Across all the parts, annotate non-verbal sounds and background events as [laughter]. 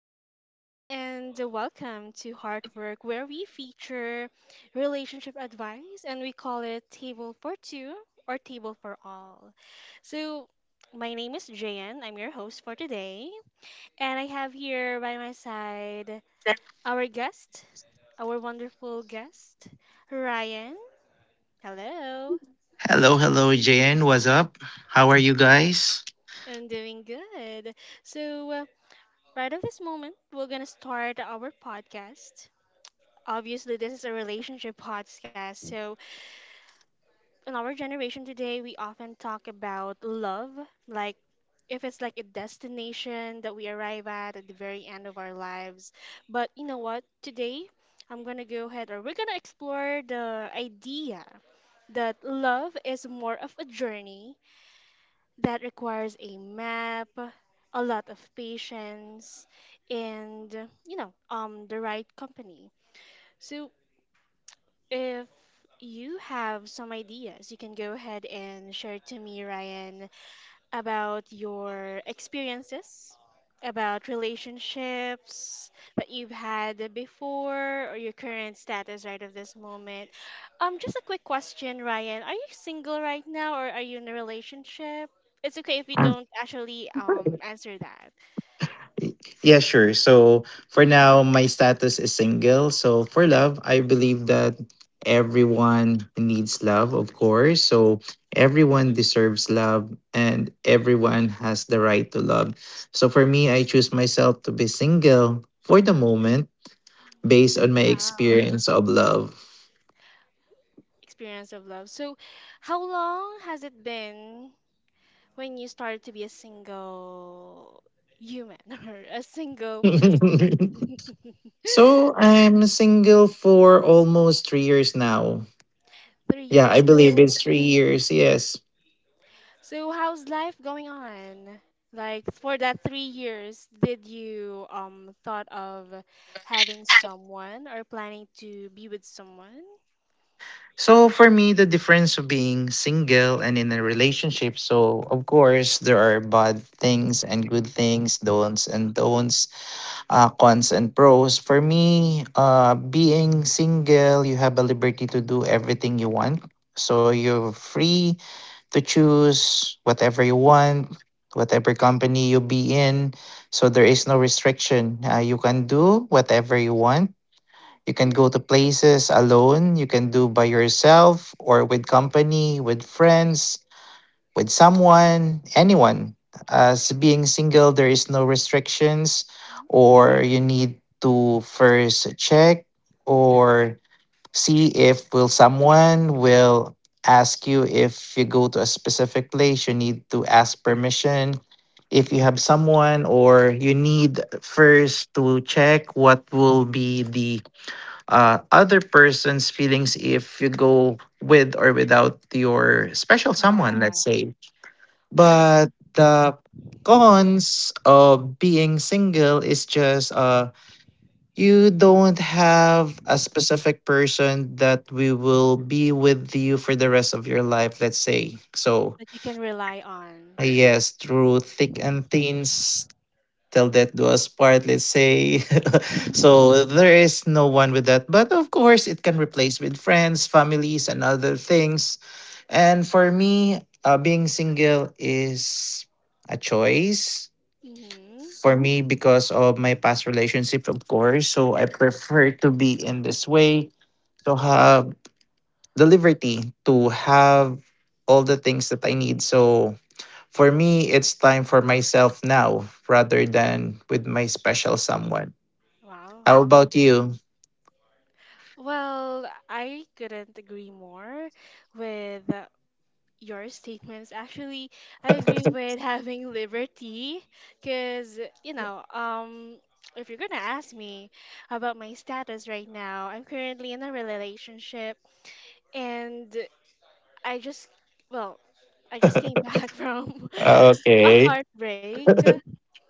everyone, and welcome to Hard Work, where we feature relationship advice and we call it Table for Two or Table for All. So, my name is Jayan, I'm your host for today, and I have here by my side our guest, our wonderful guest, Ryan. Hello, Hello, hello, JN. What's up? How are you guys? I'm doing good. So, right at this moment, we're gonna start our podcast. Obviously, this is a relationship podcast. So, in our generation today, we often talk about love, like if it's like a destination that we arrive at the very end of our lives. But you know what? Today, I'm going to go ahead or we're going to explore the idea that love is more of a journey that requires a map, a lot of patience, and the right company. So, if you have some ideas, you can go ahead and share it to me, Ryan, about your experiences, about relationships that you've had before, or your current status right of this moment. Just a quick question, Ryan. Are you single right now, or are you in a relationship? It's okay if you Um, don't actually answer that. yeah, sure. So for now, my status is single. So for love, I believe that everyone needs love, of course. So everyone deserves love and everyone has the right to love. So for me, I choose myself to be single for the moment based on my Wow. experience of love. Experience of love. So, how long has it been when you started to be a single human [laughs] or a single person? [laughs] [laughs] So I'm single for almost 3 years now. three Yeah, I years. believe So, it's 3 years. Yes. How's life going on? Like for that 3 years, did you thought of having someone or planning to be with someone? So for me, the difference of being single and in a relationship. So of course, there are bad things and good things, don'ts and don'ts, cons and pros. For me, being single, you have a liberty to do everything you want. So you're free to choose whatever you want, whatever company you be in. So there is no restriction. You can do whatever you want. You can go to places alone, you can do by yourself or with company, with friends, with someone, anyone. As being single, there is no restrictions, or you need to first check or see if will someone will ask you. If you go to a specific place, you need to ask permission if you have someone, or you need first to check what will be the other person's feelings if you go with or without your special Yeah, someone, let's say. mm, But the cons of being single is just, you don't have a specific person that we will be with you for the rest of your life, let's say. So, that you can rely on. yes, through thick and thin, tell that to us part, let's say. [laughs] So there is no one with that. But of course, it can replace with friends, families, and other things. And for me, being single is a choice Mm-hmm. for me because of my past relationships, of course. So I prefer to be in this way to have the liberty to have all the things that I need. So for me, it's time for myself now rather than with my special someone. Wow. How about you? Well, I couldn't agree more with your statements. Actually, I agree with [laughs] having liberty because, you know, um, if you're going to ask me about my status right now, I'm currently in a relationship and I just, well, I just came back [laughs] from a Okay. heartbreak,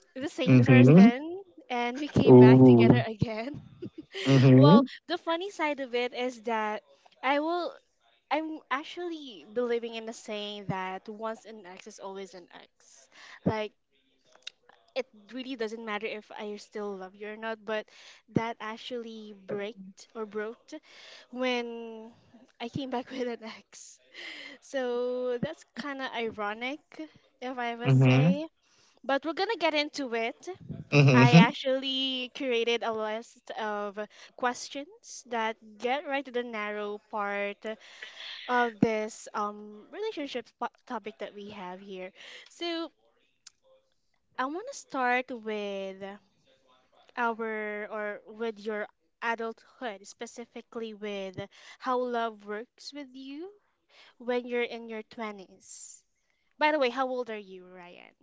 the same Mm-hmm. person, and we came back together Ooh. again. [laughs] Well, Mm-hmm. the funny side of it is that I will I'm actually believing in the saying that once an ex is always an ex. Like it really doesn't matter if I still love you or not, but that actually broke when I came back [laughs] with an ex. So that's kind of ironic, if I must Mm-hmm. say. But we're gonna get into it. I Mm-hmm. actually curated a list of questions that get right to the narrow part of this relationship topic that we have here. So I want to start with our or with your adulthood, specifically with how love works with you when you're in your twenties. By the way, how old are you, Ryan?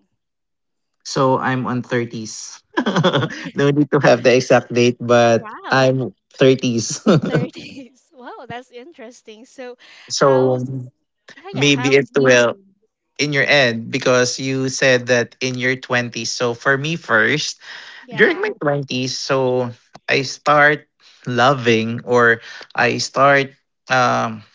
So I'm on 30s. [laughs] No need to have the exact date, but Wow, I'm 30s. [laughs] thirties. [laughs] Wow, that's interesting. So, how's So yeah, maybe it how's will you? in your end because you said that in your 20s. So for me first, during Yeah. my 20s, so I start loving, or I start um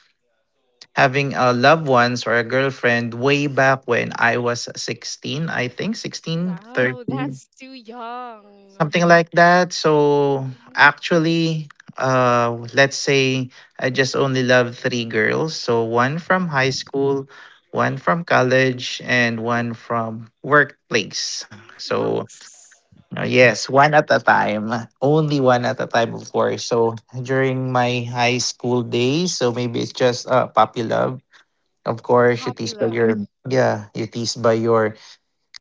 having a loved ones or a girlfriend way back when I was 16. I think 16, Wow, 13, that's too young. something like that. So Mhm. actually, let's say I just only love three girls. So one from high school, one from college, and one from workplace. Nux. So yes, one at a time. Only one at a time, of course. So during my high school days, so maybe it's just, puppy love. Of course, you tease by Popular. your, yeah, you tease by your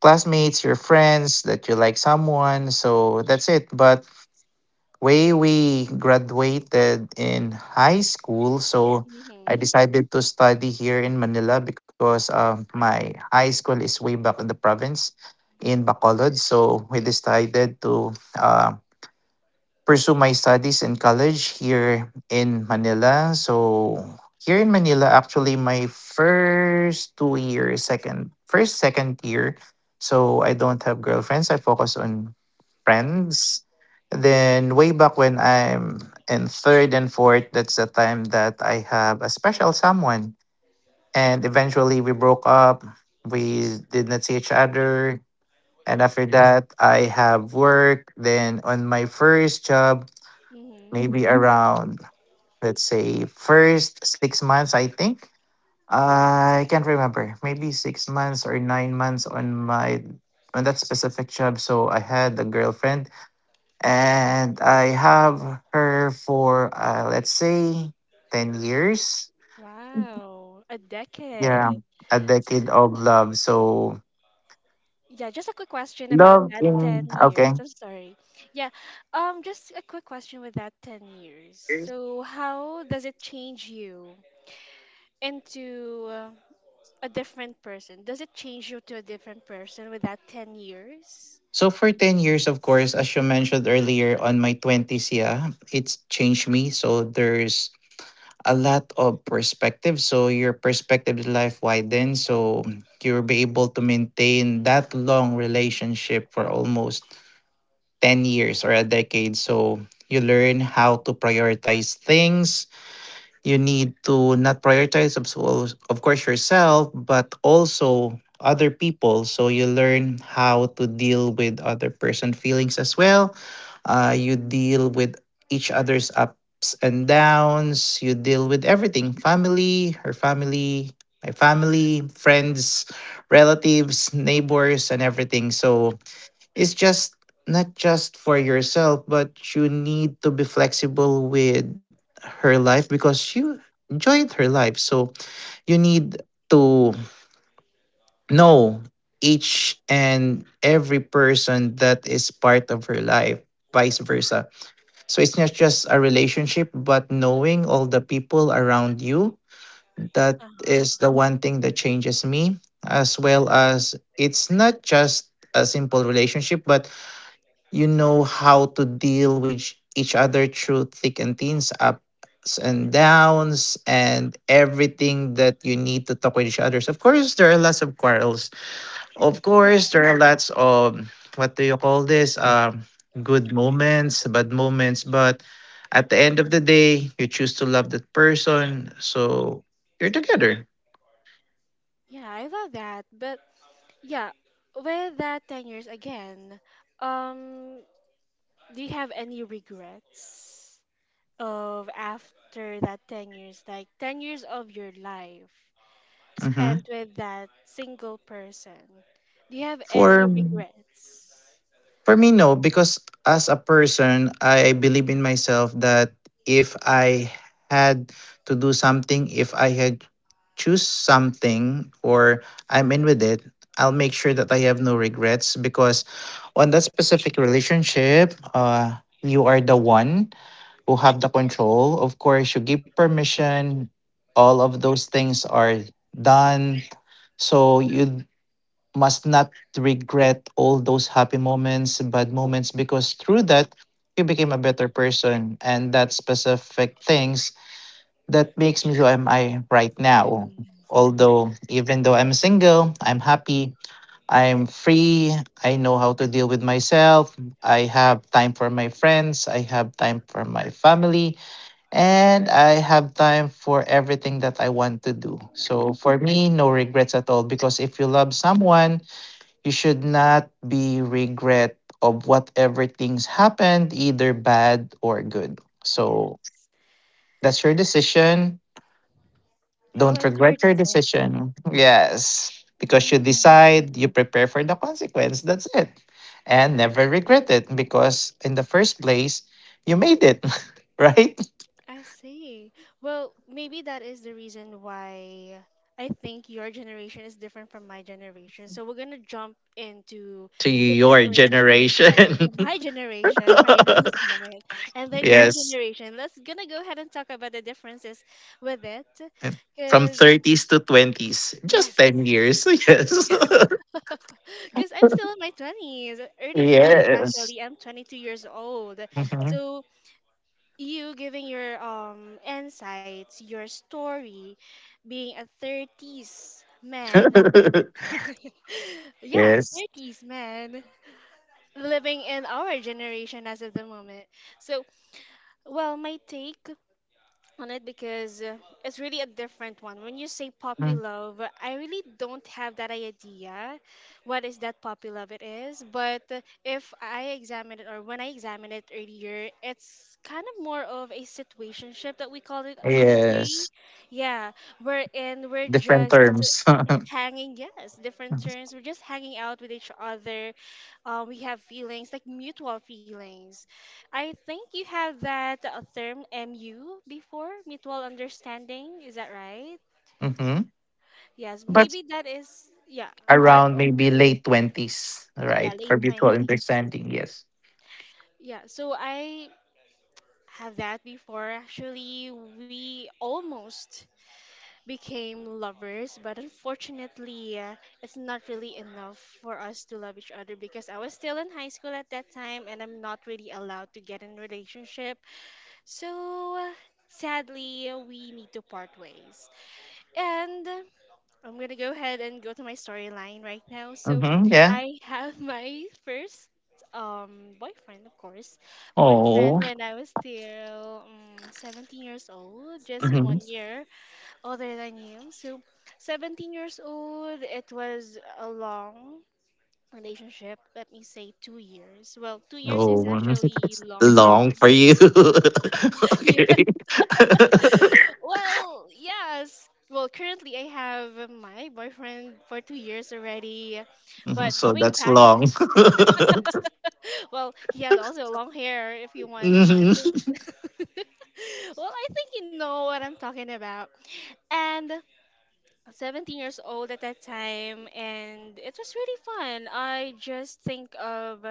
classmates, your friends, that you like someone. So that's it. But way we graduated in high school, so I Mhm. decided to study here in Manila because, my high school is way back in the province in Bacolod. So we decided to um pursue my studies in college here in Manila. So here in Manila, actually, my first 2 years, second year, so I don't have girlfriends. I focus on friends. Then way back when I'm in third and fourth, that's the time that I have a special someone. And eventually we broke up. We did not see each other. And after that, I have work. Then on my first job, Mhm. maybe around, let's say, first 6 months, I think, I can't remember, maybe 6 months or 9 months on that specific job, so I had a girlfriend, and I have her for, let's say, 10 years. Wow, a decade. Yeah, a So decade of love. So yeah, just a quick question about love that in, 10 okay. years. I'm sorry. Yeah. Just a quick question with that 10 years. So how does it change you into a different person? Does it change you to a different person with that 10 years? So for 10 years, of course, as you mentioned earlier, on my 20s, yeah, it's changed me. So there's a lot of perspective. So your perspective in life widens. So you'll be able to maintain that long relationship for almost 10 years or a decade. So you learn how to prioritize things, you need to not prioritize of, of course, yourself, but also other people. So you learn how to deal with other person feelings as well. You deal with each other's ups and downs. You deal with everything: family, her family, my family, friends, relatives, neighbors, and everything. So it's just not just for yourself, but you need to be flexible with her life because you enjoyed her life. So you need to know each and every person that is part of her life, vice versa. So it's not just a relationship, but knowing all the people around you. That Uh-huh. is the one thing that changes me, as well as it's not just a simple relationship, but you know how to deal with each other through thick and thins, ups and downs, and everything that you need to talk with each others. Of course, there are lots of quarrels. Of Yeah. course, there are lots of, what do you call this? Good moments, bad moments. But at the end of the day, you choose to love that person, so you're together. Yeah, I love that. But yeah, with that 10 years again, um Do you have any regrets of after that 10 years, like 10 years of your life Hmm. spent with that single person? Do you have For any regrets? For me, no, because as a person, I believe in myself that if I had to do something, if I had choose something or I'm in with it, I'll make sure that I have no regrets, because on that specific relationship, you are the one who have the control. Of course, you give permission. All of those things are done. So you must not regret all those happy moments, bad moments, because through that, you became a better person. And that specific things that makes me who am I right now. Yes, Although, even though I'm single, I'm happy, I'm free, I know how to deal with myself, I have time for my friends, I have time for my family, and I have time for everything that I want to do. So, for me, no regrets at all, because if you love someone, you should not be regret of whatever things happened, either bad or good. So yes. that's your decision. Oh, Don't it's your regret your decision. decision. Yes. Because you Mm. decide, you prepare for the consequence. That's it. And never regret it, because in the first place, you made it, [laughs] right? I see. Well, maybe that is the reason why I think your generation is different from my generation. So we're gonna jump into To the your differential. generation. Yes, [laughs] my generation right at this [laughs] moment, and then your Yes. generation. Let's gonna go ahead and talk about the differences with it, From because 30s to 20s. Just yes, 10 years. [laughs] Yes. [laughs] [laughs] because I'm still in my twenties, early twenties Yes. actually. I'm 22 years old, Mhm. so you giving your insights, your story, being a 30s man. [laughs] [laughs] Yeah, Yes. 30s man living in our generation as of the moment. So, well, my take on it because it's really a different one. When you say puppy Mm. love, I really don't have that idea what is that puppy love it is. But if I examine it or when I examined it earlier, it's kind of more of a situationship that we call it today. Yes. Yeah, wherein we're Different just terms. [laughs] hanging, yes, different terms, we're just hanging out with each other, we have feelings like mutual feelings. I think you have that term MU before, mutual understanding. Is that right? Hmm. Yes, But maybe that is, yeah, part around of, maybe late 20s, yeah, right? late For mutual 20. understanding, yes. Yeah, so I have that before. Actually, we almost became lovers, but unfortunately, it's not really enough for us to love each other because I was still in high school at that time and I'm not really allowed to get in relationship. So, sadly, we need to part ways. And I'm gonna go ahead and go to my storyline right now. So Hmm. Yeah. I [laughs] have my first boyfriend, of course, boyfriend Oh. when I was still 17 years old, just Hmm. 1 year older than you. So 17 years old, it was a long relationship. Let me say 2 years. Well, 2 years is Oh, actually [laughs] long for long me. for you. [laughs] [laughs] Okay. [laughs] Well, yes. Well, currently I have my boyfriend for 2 years already, Mhm, but so going that's back, long. [laughs] well, he has also long hair if you [laughs] want. So, Hmm. [laughs] well, I think you know what I'm talking about. And 17 years old at that time, and it was really fun. I just think of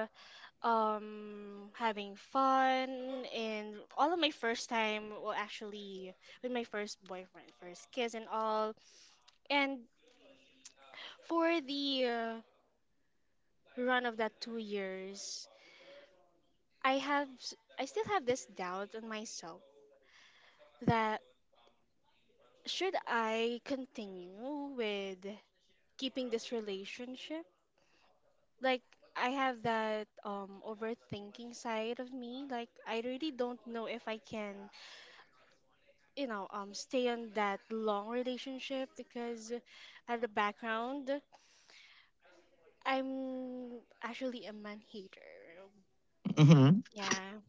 having fun and all of my first time, well, actually with my first boyfriend, first kiss and all. And for the run of that 2 years, I still have this doubt on myself that should I continue with keeping this relationship? Like I have that overthinking side of me. Like I really don't know if I can, stay on that long relationship because at the background I'm actually a man hater. Hmm. Yeah.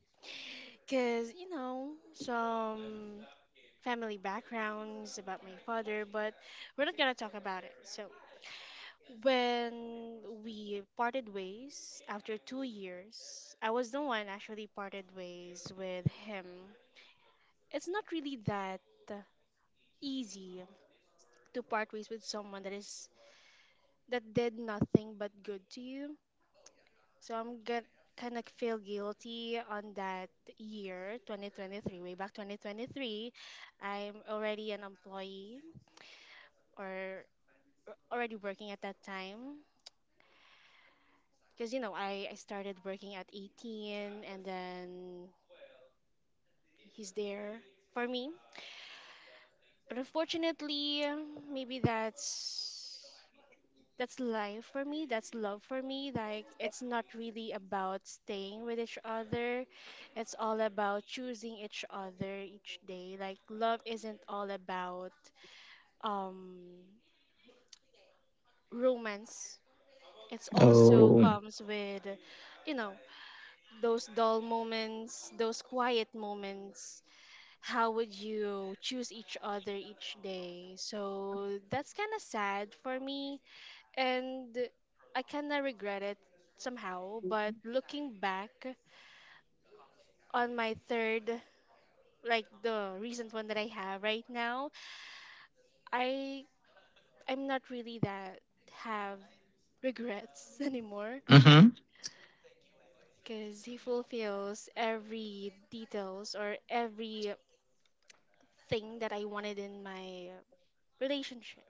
Because you know some family backgrounds about my father, but we're not gonna talk about it. So when we parted ways after 2 years, I was the one actually parted ways with him. It's not really that easy to part ways with someone that did nothing but good to you. So I'm get kind of feel guilty on that year, 2023, way back 2023. I'm already an employee or already working at that time. Because, you know, I started working at 18 and then he's there for me. But unfortunately, maybe that's life for me, that's love for me. Like it's not really about staying with each other. It's all about choosing each other each day. Like love isn't all about um romance. It also Oh. comes with you know those dull moments, those quiet moments. How would you choose each other each day? So that's kind of sad for me, and I kinda regret it somehow. But looking back on my third, like the recent one that I have right now, I I'm not really that have regrets [laughs] anymore Hmm. because he fulfills every details or every thing that I wanted in my relationship.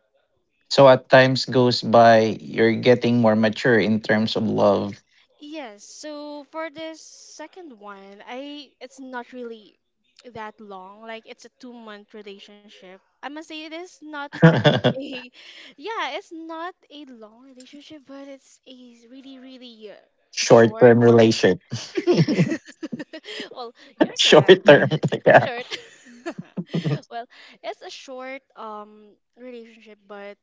So at times goes by, you're getting more mature in terms of love. Yes, so for this second one, I it's not really that long. Like it's a 2 month relationship. I must say it is not [laughs] a [laughs] yeah, it's not a long relationship, but it's a really really Short short. term relation. [laughs] [laughs] Well, you're correct. Short term. [laughs] Yeah. Short. [laughs] Well, it's a short relationship, but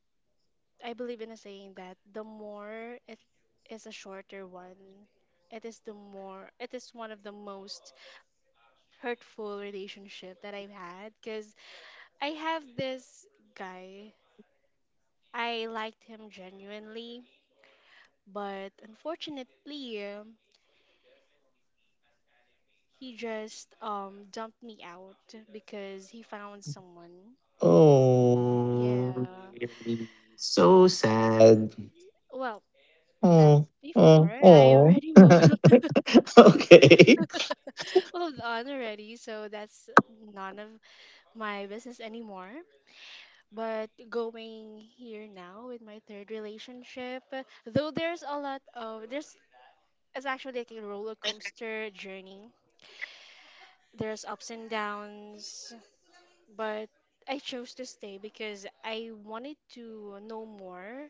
I believe in a saying that the more it is a shorter one, it is the more it is one of the most hurtful relationship that I've had because I have this guy. I liked him genuinely, but unfortunately, he just dumped me out because he found someone. Oh, Yeah. really? So sad. [laughs] Well, that's Oh, before oh, I oh. already [laughs] moved. Okay. [laughs] Moved on already, so that's none of my business anymore. But going here now with my third relationship, though there's a lot of, there's, it's actually like a roller coaster journey. There's ups and downs, but I chose to stay because I wanted to know more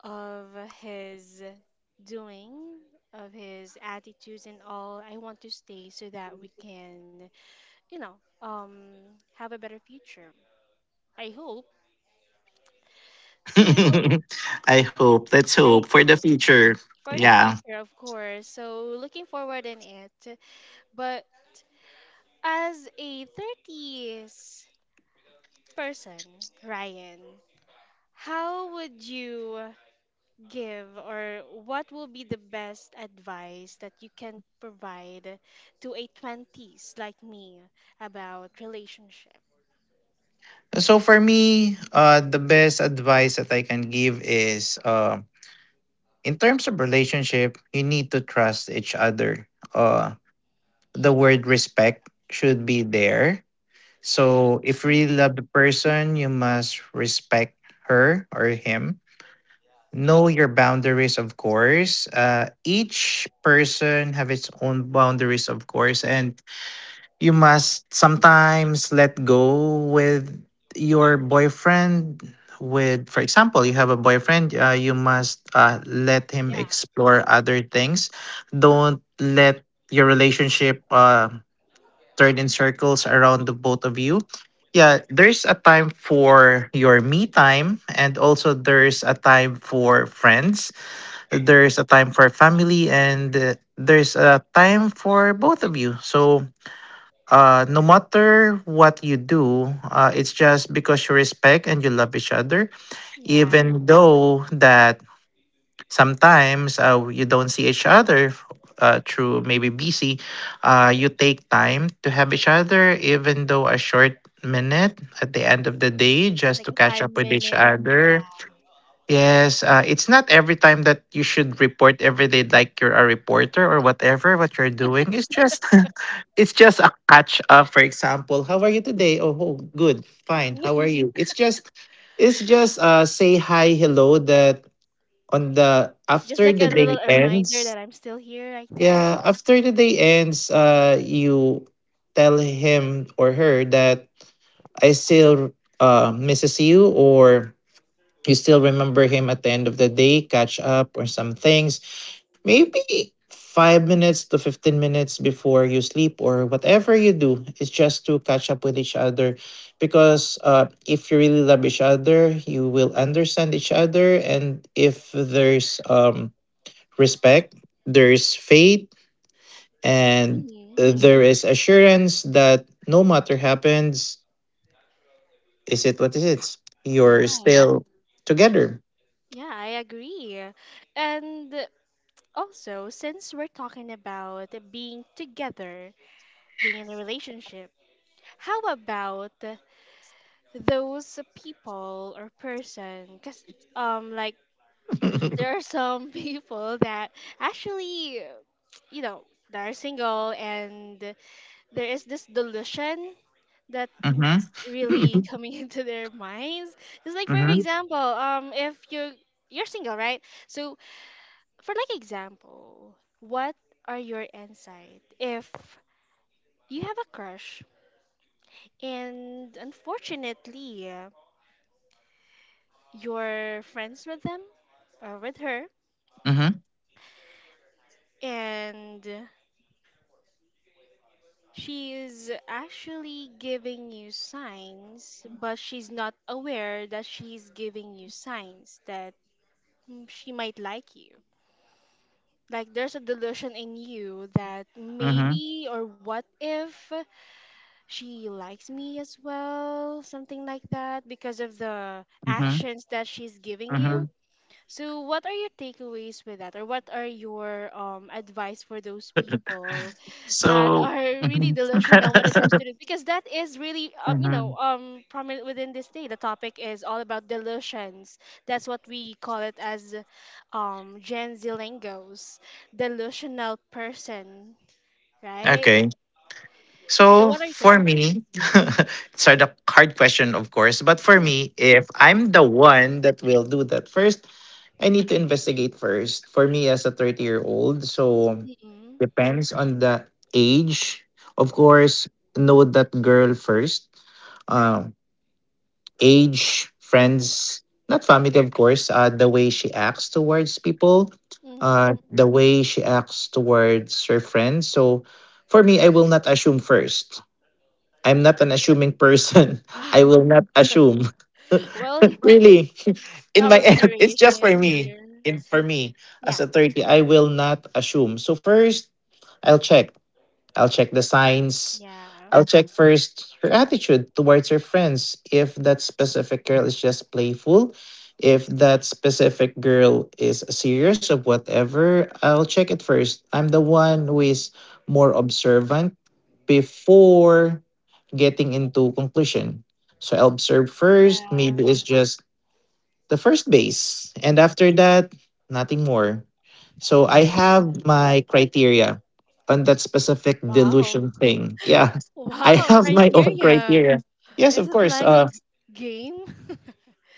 of his doing, of his attitudes and all. I want to stay so that we can, you know, um have a better future. I hope. So [laughs] I hope. Let's hope I for the Oh, future. for the Yeah. future, of course. So looking forward in it. But as a 30s person, Ryan, how would you give or what will be the best advice that you can provide to a 20s like me about relationship? So for me, the best advice that I can give is, in terms of relationship, you need to trust each other. The word respect should be there. So if you really Hmm. love the person, you must respect her or him. Know your boundaries, of course. Each person have its own boundaries, of course, and you must sometimes let go with your boyfriend. With, for example, you have a boyfriend, you must, let him Yeah. explore other things. Don't let your relationship, turn in circles around the both of you. Yeah, there's a time for your me time, and also there's a time for friends, there's a time for family, and, there's a time for both of you. So, no matter what you do, it's just because you respect and you love each other, Yeah. even though that sometimes, you don't see each other through maybe busy, you take time to have each other, even though a short minute at the end of the day, just Like to a catch five up with each minute. Yeah. other. Yes, it's not every time that you should report every day like you're a reporter or whatever what you're doing. It's just, [laughs] it's just a catch up, for example, how are you today, oh, oh good, fine, how are [laughs] you. It's just, it's just, say hi, hello, that on the Just after like the a little day reminder that ends. I'm still here like that. Yeah, after the day ends, you tell him or her that I still, misses you, or you still remember him at the end of the day. Catch up or some things, maybe 5 minutes to 15 minutes before you sleep or whatever you do, is just to catch up with each other. Because, if you really love each other, you will understand each other, and if there's, respect, there is faith, and, Mhm. There is assurance that no matter happens, is it what is it? You're Yeah, still together. yeah, I agree. And also, since we're talking about being together, being in a relationship, how about those people or person? Because, like, there are [laughs] some [laughs] people that actually, you know, that are single, and there is this delusion that Mm-hmm. really Mm-hmm. coming [laughs] into their minds. It's like, for Mm-hmm. example, if you're single, right? So, for like example, what are your insight if you have a crush and unfortunately you're friends with them or with her and she is actually giving you signs but she's not aware that she's giving you signs that she might like you. Like there's a delusion in you that Mm-hmm. maybe or what if she likes me as well, something like that, because of the Mm-hmm. actions that she's giving you. Mm-hmm. So, what are your takeaways with that, or what are your advice for those people that So, are really Mhm. delusional when it comes [laughs] to this? Because that is really, Mhm. Prominent within this day. The topic is all about delusions. That's what we call it as, Gen Z lingos, delusional person, right? Okay. So, So what are your for takeaways? me, [laughs] it's a hard question, of course. But for me, if I'm the one that will do that first. I need to investigate first. For me, as a 30-year-old, so Mm-mm, depends on the age. Of course, know that girl first. Um, age, friends, not family, of course. The way she acts towards people, mm-hmm. The way she acts towards her friends. So for me, I will not assume first. I'm not an assuming person. [laughs] I will not assume. [laughs] Well, [laughs] in Really, [laughs] in my our end, it's just for generation me. here, In for me as yeah, a 30, I will not assume. So first, I'll check I'll check the signs. yeah, I'll check first her attitude towards her friends. If that specific girl is just playful, if that specific girl is serious or whatever, I'll check it first. I'm the one who is more observant before getting into conclusion. So I'll observe first. yeah. Maybe it's just the first base. And after that, nothing more. So I have Navigator. my criteria on that specific Wow. delusion thing. [laughs] Yeah. [laughs] I Wow, have my own criteria. criteria. Yes, Is of it course. like a g- Game?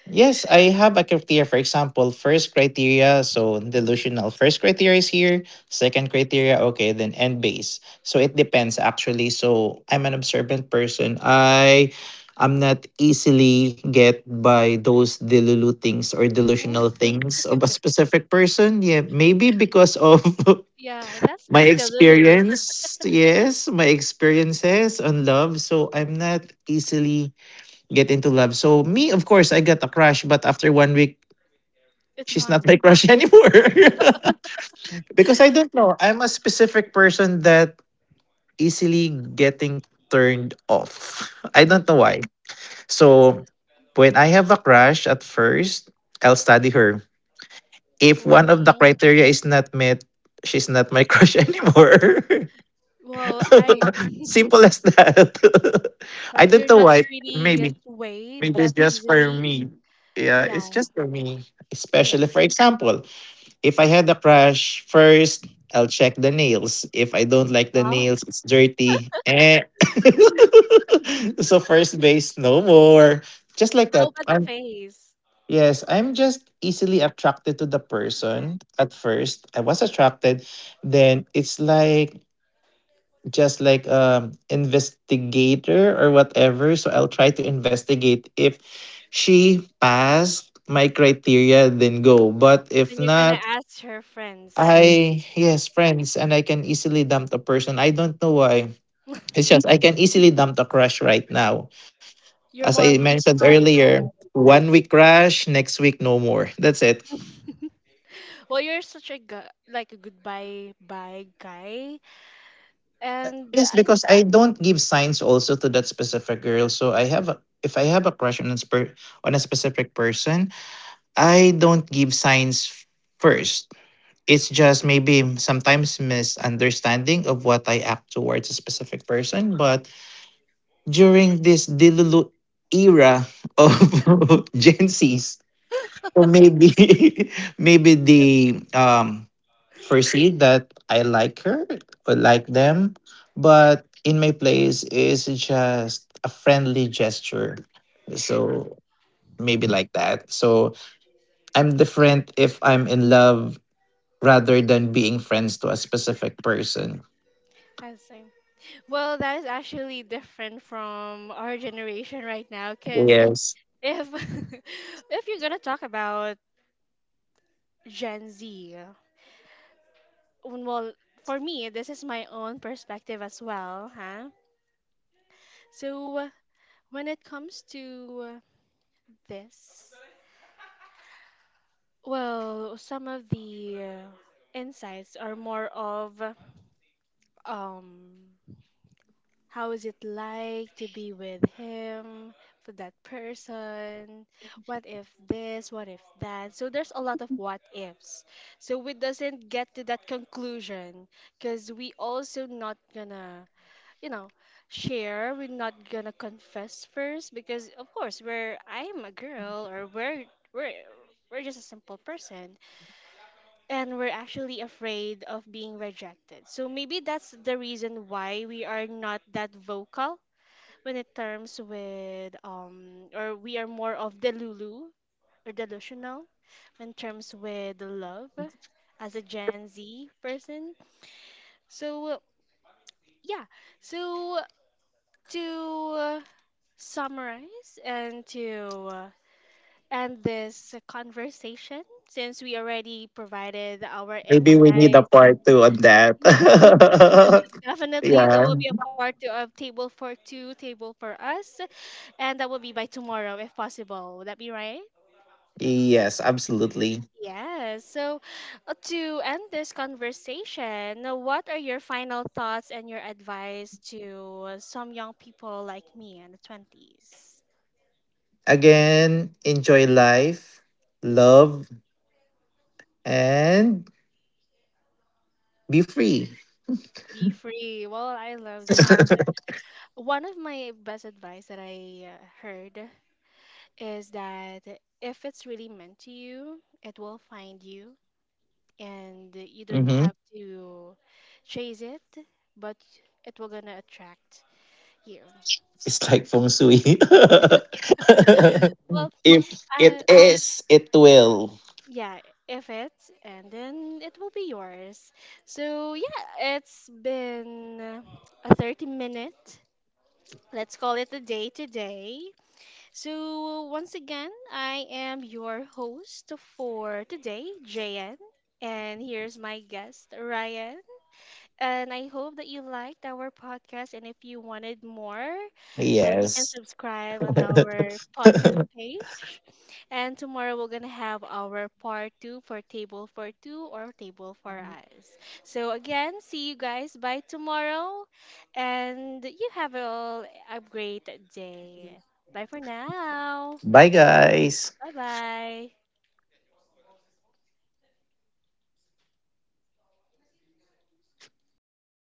Yes, I have a criteria. For example, first criteria, so delusional. First criteria is here. Second criteria, okay, then end base. So it depends actually. So I'm an observant person. I am not easily get by those delulu things or Mm. delusional things of a specific person. Yeah, maybe because of [laughs] [laughs] Yeah, that's my being the Lulu. experience. Yes, my experiences on love. So I'm not easily get into love. So me, of course, I got a crush, but after 1 week, It's she's not my gone. crush [laughs] anymore. [laughs] Because I don't know. I'm a specific person that easily getting turned off. [laughs] I don't know why. So when I have a crush at first, I'll study her. If one of the Mm-hmm. criteria is not met, she's not my crush [laughs] anymore. Well, [laughs] I [laughs] Simple as that. [laughs] I like you're don't know not why. really Maybe. swayed Maybe it's that just for easily. me. Yeah, it's Yeah, just for me. yeah. Especially, for example, if I had a crush, first I'll check the nails. If I don't like the Wow. nails, it's dirty. Eh. [laughs] So first base, no more. Just [laughs] like How that. about the I'm face? yes, I'm just easily attracted to the Yeah. person. At first, I was attracted. Then it's like just like investigator or whatever, so I'll try to investigate if she passed my criteria then go. But if Then you're gonna not, ask her friends I that. yes, friends, and I can easily dump the person. I don't know why. It's just I can easily dump the crush right now. [laughs] As You're I more of a mentioned goodbye earlier, bye. 1 week crush, next week no more. That's it. [laughs] Well, you're such a like a goodbye bye guy. And the- Yes, because I don't give signs also to that specific girl. So I have a, if I have a crush on a, on a specific person, I don't give signs first. It's just maybe sometimes misunderstanding of what I act towards a specific person. But during this Dilulu era of [laughs] Gen Zs, or maybe [laughs] maybe they perceive that I like her or like them. But in my place is just a friendly gesture. So maybe like that. So I'm different if I'm in love rather than being friends to a specific person. I see. Well, that is actually different from our generation right now because Yes. if [laughs] if you're gonna talk about Gen Z, well, for me, this is my own perspective as well, huh? So when it comes to this, well, some of the insights are more of um how is it like to be with him, for that person? What if this? What if that? So there's a lot of what ifs. So we doesn't get to that conclusion because we also not gonna, you know, share. We're not gonna confess first because of course we're I am a girl or we're we're just a simple person and we're actually afraid of being rejected. So maybe that's the reason why we are not that vocal when it terms with or we are more of delulu or delusional in terms with love as a Gen Z person. So yeah, so to summarize and to end this conversation, since we already provided our Maybe we need a insights. part two on that. [laughs] Yes, [laughs] definitely. There Yeah. will be a part two of Table for Two, Table for Us, and that will be by tomorrow if possible. Would that be right? Yes, absolutely. Yes. So, to end this conversation, what are your final thoughts and your advice to some young people like me in the 20s? Again, enjoy life, love, and be free. Be free. Well, I love that. [laughs] So, one of my best advice that I heard is that if it's really meant to you, it will find you and you don't Hmm. have to chase it, but it will gonna attract you. It's like feng shui. [laughs] Well, If it I is, it will. Yeah, if it's, and then it will be yours. So, yeah, it's been a 30 minute. Let's call it a day today. So, once again, I am your host for today, JN. And here's my guest, Ryan. And I hope that you liked our podcast. And if you wanted more, then you can Yes. subscribe on [laughs] our podcast page. And tomorrow we're going to have our part two for Table for Two or Table for Us. So, again, see you guys by tomorrow. And you have all a great day. Bye for now. Bye, guys. Bye bye.